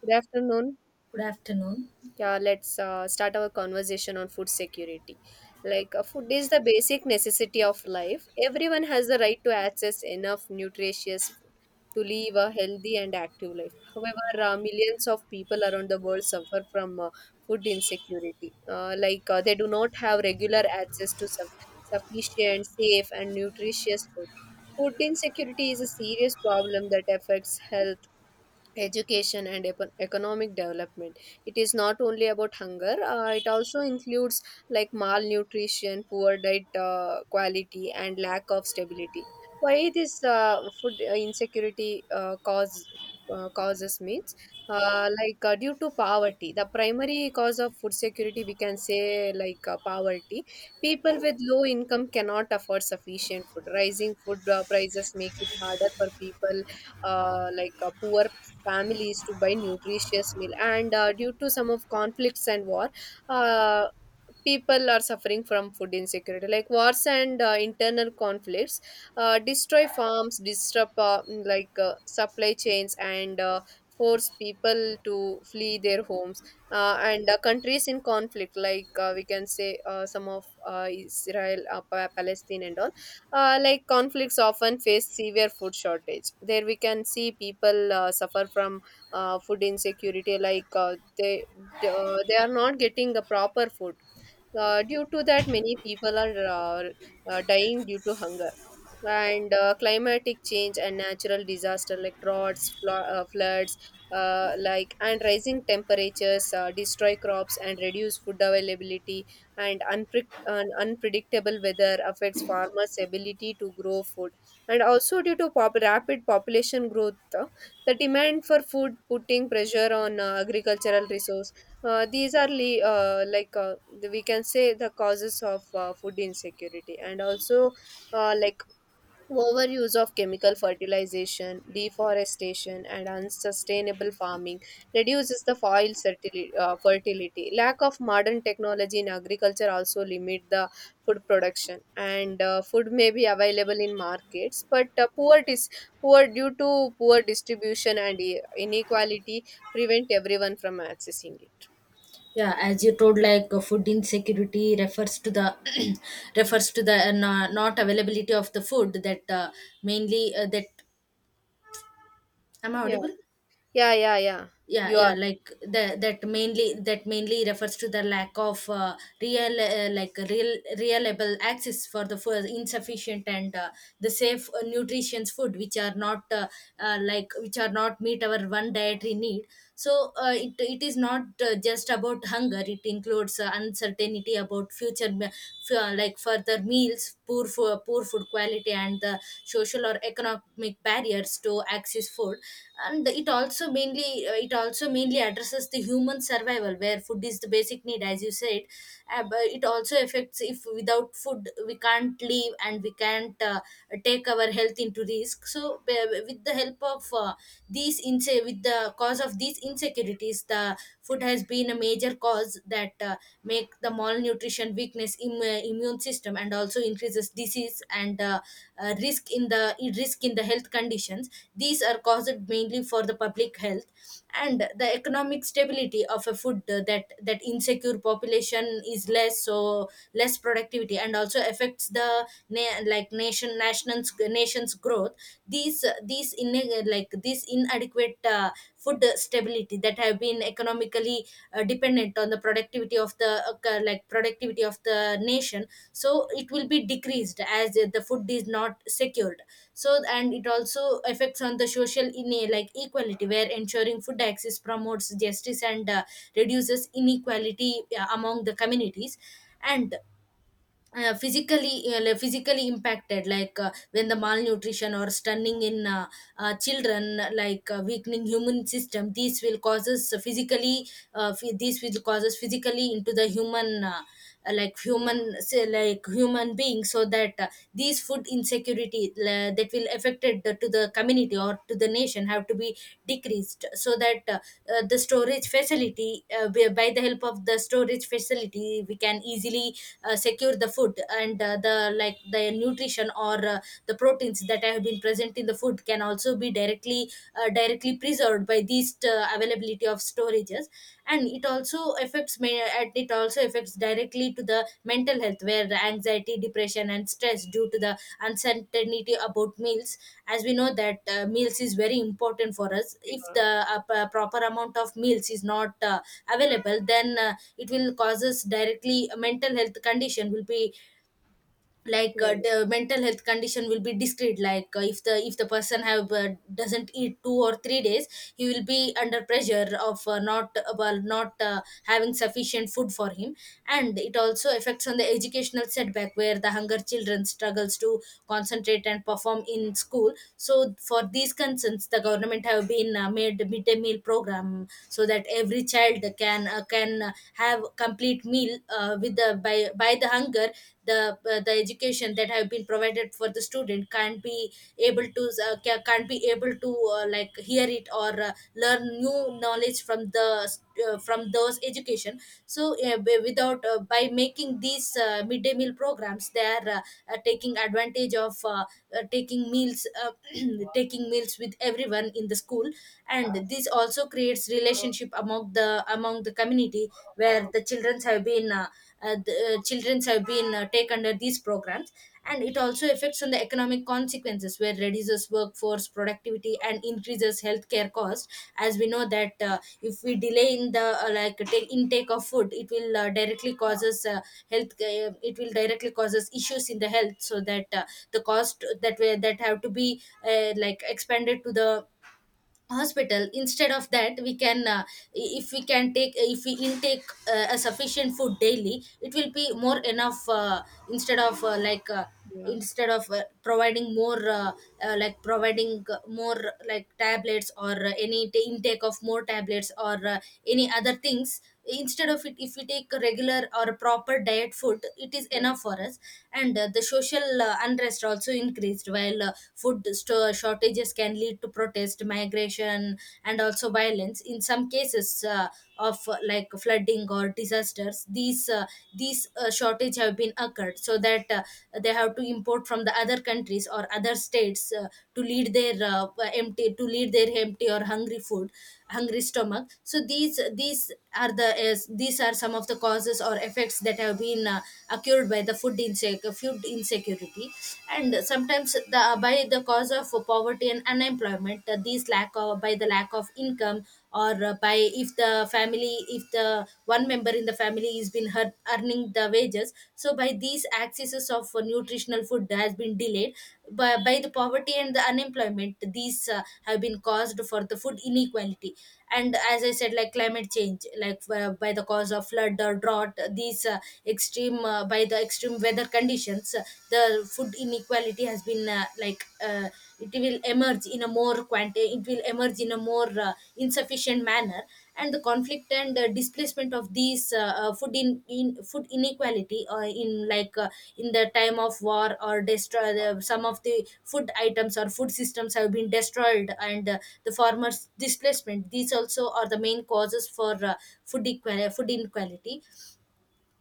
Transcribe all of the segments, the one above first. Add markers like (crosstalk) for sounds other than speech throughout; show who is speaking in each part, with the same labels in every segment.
Speaker 1: Good afternoon.
Speaker 2: Good afternoon.
Speaker 1: Yeah, let's start our conversation on food security. Food is the basic necessity of life. Everyone has the right to access enough nutritious food to live a healthy and active life. However, millions of people around the world suffer from food insecurity. They do not have regular access to sufficient, safe, and nutritious food. Food insecurity is a serious problem that affects health, education and economic development. It is not only about hunger. It also includes like malnutrition, poor diet quality and lack of stability. Why this food insecurity causes, means due to poverty, the primary cause of food security, we can say poverty. People with low income cannot afford sufficient food. Rising food prices make it harder for people, poor families, to buy nutritious meal. And due to some of conflicts and war, uh, people are suffering from food insecurity. Like wars and internal conflicts destroy farms, disrupt supply chains and force people to flee their homes. And Countries in conflict, we can say some of Israel, Palestine and all like, conflicts often face severe food shortage. There we can see people suffer from food insecurity, they are not getting the proper food. Due to that, many people are dying due to hunger. And climatic change and natural disaster like droughts, floods, and rising temperatures destroy crops and reduce food availability. And unpredictable weather affects farmers' ability to grow food. And also due to rapid population growth, the demand for food putting pressure on agricultural resources. These are le- like the- We can say the causes of food insecurity. And also, uh, like overuse of chemical fertilization, deforestation, and unsustainable farming reduces the soil fertility. Lack of modern technology in agriculture also limit the food production, and food may be available in markets, but poor dis- poor due to poor distribution and inequality prevent everyone from accessing it.
Speaker 2: Yeah, as you told, food insecurity refers to the (clears throat) refers to the not availability of the food that mainly that. Am I
Speaker 1: Yeah,
Speaker 2: audible?
Speaker 1: yeah, yeah, yeah.
Speaker 2: yeah
Speaker 1: You are.
Speaker 2: yeah like that mainly refers to the lack of real like real reliable access for the food insufficient and the safe nutritious food which are not, which are not meet our one dietary need, so it is not just about hunger. It includes uncertainty about future me- f- like further meals, poor poor food quality, and the social or economic barriers to access food. And it also mainly addresses the human survival, where food is the basic need, as you said, but it also affects. If without food we can't live and we can't take our health into risk. So with the help of with the cause of these insecurities, the food has been a major cause that make the malnutrition, weakness, immune system, and also increases disease and risk in the health conditions. These are caused mainly for the public health, and the economic stability of a food, that that insecure population is less, so less productivity, and also affects the nation's nation's growth. These these in like this inadequate food stability that have been economically dependent on the productivity of the like productivity of the nation, so it will be decreased as the food is not secured. So, and it also affects on the social in like equality, where ensuring food access promotes justice and reduces inequality among the communities. And physically like, physically impacted, like when the malnutrition or stunning in children, like weakening human system, these will causes physically these will causes physically into the human like human say,
Speaker 1: Yeah,
Speaker 2: like human beings. So that these food insecurity that will affected to the community or to the nation have to be decreased, so that the storage facility by the help of the storage facility we can easily secure the food, and the like the nutrition or the proteins that have been present in the food can also be directly preserved by these availability of storages. And it also affects directly to the mental health, where the anxiety, depression, and stress due to the uncertainty about meals. As we know that meals is very important for us. If the proper amount of meals is not available, then it will causes directly a mental health condition will be like
Speaker 1: yeah,
Speaker 2: the mental health condition will be discreet, like if the person have doesn't eat 2 or 3 days, he will be under pressure of not having sufficient food for him. And it also affects on the educational setback, where the hunger children struggles to concentrate and perform in school. So for these concerns, the government have been made midday meal program, so that every child can have complete meal with the by the hunger, the education that have been provided for the student can't be able to can't be able to like hear it or learn new knowledge from the from those education. So b- without by making these midday meal programs, they are taking advantage of taking meals (clears throat) taking meals with everyone in the school. And this also creates relationship among the community, where the children have been the children have been take under these programs. And it also affects on the economic consequences, where reduces workforce productivity and increases healthcare cost. As we know that if we delay in the like take intake of food, it will directly causes health it will directly causes issues in the health, so that the cost that have to be like expanded to the hospital. Instead of that, we can if we intake a sufficient food daily, it will be more enough. Uh, instead of like
Speaker 1: yeah, yeah,
Speaker 2: instead of providing more like providing more like tablets or intake of more tablets or any other things. Instead of it, if we take a regular or a proper diet food, it is
Speaker 1: yeah,
Speaker 2: enough for us. And the social unrest also increased, while shortages can lead to protest, migration, and also violence. In some cases of like flooding or disasters, these shortage have been occurred, so that they have to import from the other countries or other states to lead their empty to lead their empty or hungry food, hungry stomach. So these are some of the causes or effects that have been occurred by the food insecurity. And sometimes the by the cause of poverty and unemployment, these lack of by the lack of income or by if the family, if the one member in the family is been hurt earning the wages, so by these accesses of nutritional food has been delayed. By the poverty and the unemployment, these have been caused for the food inequality. And as I said, like climate change, like by the cause of flood or drought, these extreme by the extreme weather conditions the food inequality has been it will emerge in a more it will emerge in a more insufficient manner. And the conflict and displacement of these in food inequality in the time of war or destroy the, some of the food items or food systems have been destroyed, and the farmers displacement, these also are the main causes for food inequality.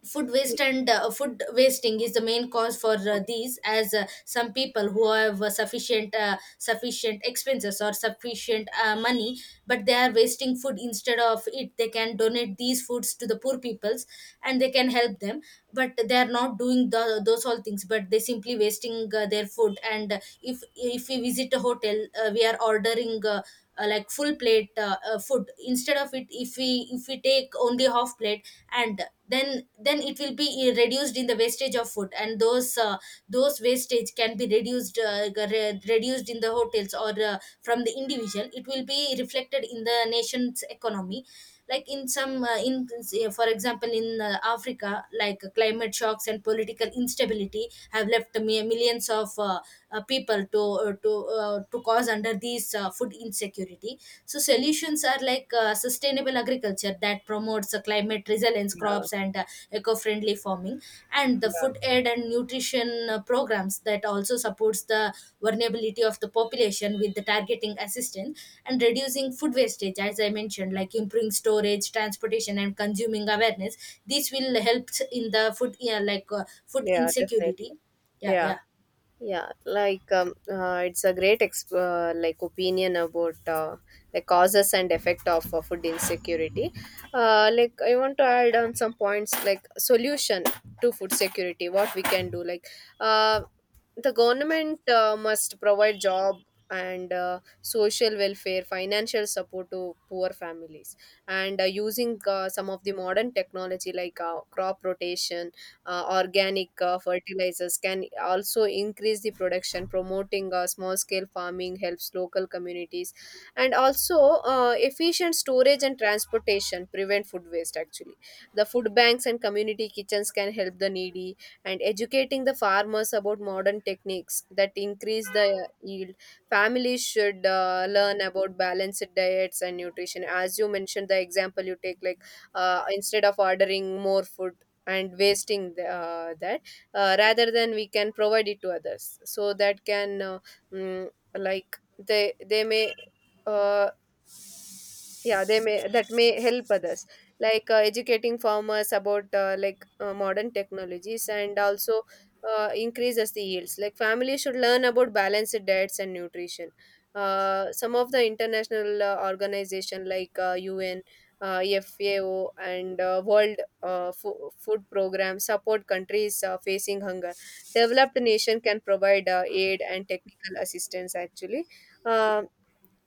Speaker 2: Food waste, and food wasting is the main cause for these, as some people who have sufficient expenses or sufficient money, but they are wasting food. Instead of it, they can donate these foods to the poor peoples and they can help them, but they are not doing the, those all things, but they simply wasting their food. And if if we visit a hotel, we are ordering full plate food. Instead of it, if we take only half plate, and then it will be reduced in the wastage of food. And those wastage can be reduced in the hotels or from the individual, it will be reflected in the nation's economy. Like in some in, say, for example, in Africa, like climate shocks and political instability have left millions of people to to cause under these food insecurity. So
Speaker 1: yeah,
Speaker 2: solutions are like sustainable agriculture that promotes climate resilience
Speaker 1: yeah,
Speaker 2: crops and eco-friendly farming, and the
Speaker 1: yeah,
Speaker 2: food aid and nutrition programs that also supports the vulnerability of the population with the targeting assistance, and reducing food wastage, as I mentioned, like improving storage, transportation, and consuming awareness. This will help in the food, yeah, food
Speaker 1: yeah, definitely.
Speaker 2: insecurity. yeah
Speaker 1: Yeah.
Speaker 2: yeah
Speaker 1: It's a great opinion about the causes and effect of food insecurity. I want to add on some points like solution to food security. What we can do, like, uh, the government must provide job and social welfare, financial support to poor families. And using some of the modern technology like crop rotation, organic fertilizers can also increase the production. Promoting small scale farming helps local communities. And also, efficient storage and transportation prevent food waste. Actually, the food banks and community kitchens can help the needy, and educating the farmers about modern techniques that increase the yield. Families should learn about balanced diets and nutrition. As you mentioned the example you take, like, instead of ordering more food and wasting that, rather than, we can provide it to others, so that can mm, they may uh, yeah they may that may help others. Educating farmers about modern technologies and also increases the yields. Like, families should learn about balanced diets and nutrition. Some of the international organization like un fao and world food program support countries facing hunger. Developed nation can provide aid and technical assistance. Actually Um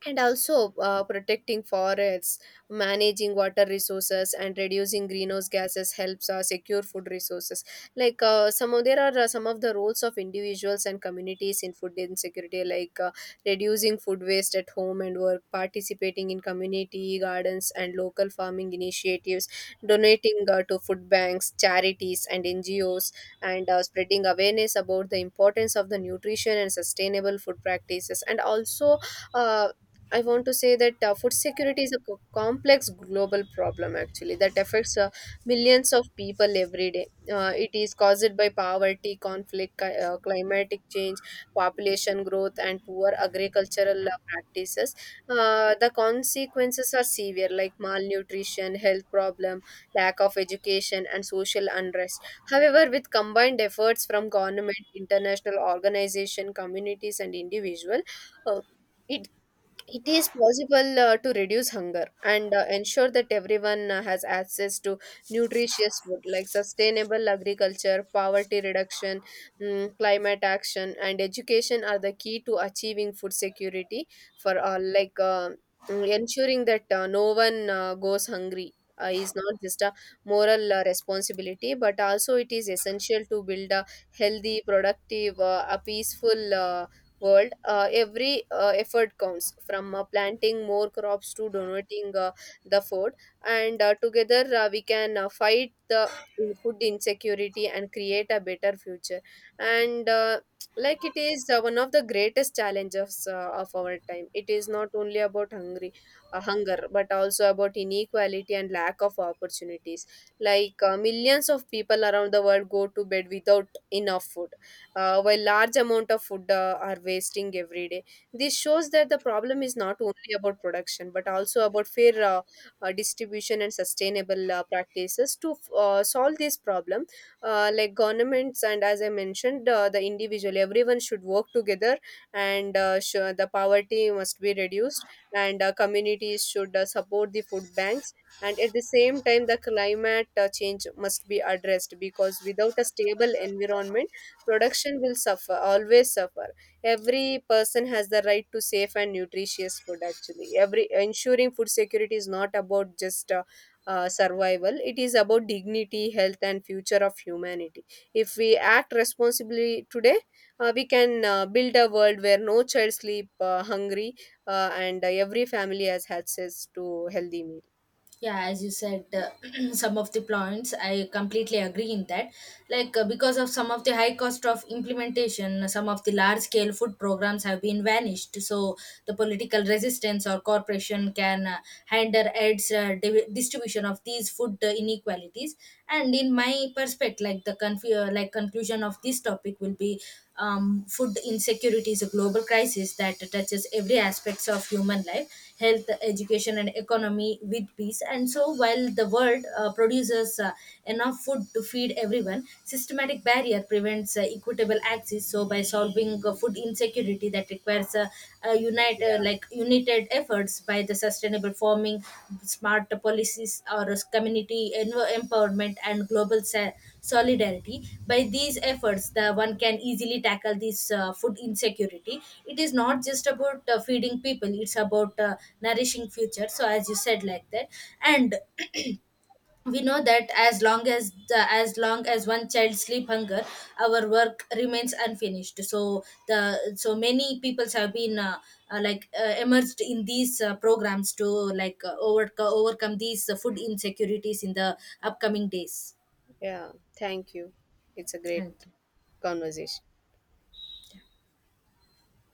Speaker 1: and also, protecting forests, managing water resources and reducing greenhouse gases helps secure food resources. Some of the roles of individuals and communities in food insecurity, like reducing food waste at home and work, participating in community gardens and local farming initiatives, donating to food banks, charities and ngos, and spreading awareness about the importance of the nutrition and sustainable food practices. And also, uh, I want to say that food security is a complex global problem actually, that affects millions of people every day. It is caused by poverty, conflict, climatic change, population growth, and poor agricultural practices. The consequences are severe, like malnutrition, health problem, lack of education, and social unrest. However, with combined efforts from government, international organization, communities, and individual. Uh, it it is possible to reduce hunger and ensure that everyone has access to nutritious food. Like sustainable agriculture, poverty reduction, climate action, and education are the key to achieving food security for all. Ensuring that no one goes hungry is not just a moral responsibility, but also it is essential to build a healthy, productive, a peaceful world. Every effort counts, from planting more crops to donating the food. And together we can fight the food insecurity and create a better future. And like, it is one of the greatest challenges of our time. It is not only about hunger, but also about inequality and lack of opportunities. Millions of people around the world go to bed without enough food, while large amount of food are wasting every day. This shows that the problem is not only about production but also about fair distribution and sustainable practices. To solve this problem, governments and, as I mentioned, the individual, everyone should work together. And the poverty must be reduced, and communities should support the food banks. And at the same time the climate change must be addressed, because without a stable environment production will suffer. Every person has the right to safe and nutritious food. Actually, every ensuring food security is not about just survival, it is about dignity, health and future of humanity. If we act responsibly today, we can build a world where no child sleep hungry, and every family has access to healthy meal.
Speaker 2: Yeah, as you said, (clears throat) some of the points I completely agree in that, because of some of the high cost of implementation, some of the large scale food programs have been vanished. So the political resistance or corporation can hinder its distribution of these food inequalities. And in my perspective, like the conclusion of this topic will be, food insecurity is a global crisis that touches every aspects of human life, health, education, and economy with peace. And so, while the world produces enough food to feed everyone, systematic barrier prevents equitable access. So, by solving food insecurity, that requires a
Speaker 1: Yeah,
Speaker 2: united efforts by the sustainable farming, smart policies, or community empowerment, and global solidarity. By these efforts, the one can easily tackle this food insecurity. It is not just about feeding people; it's about nourishing future. So, as you said, like that, and we know that as long as one child sleep hunger, our work remains unfinished. So the so many peoples have been emerged in these programs to overcome, overcome these food insecurities in the upcoming days.
Speaker 1: yeah, thank you. It's a great
Speaker 2: Thank you.
Speaker 1: conversation.
Speaker 2: Yeah.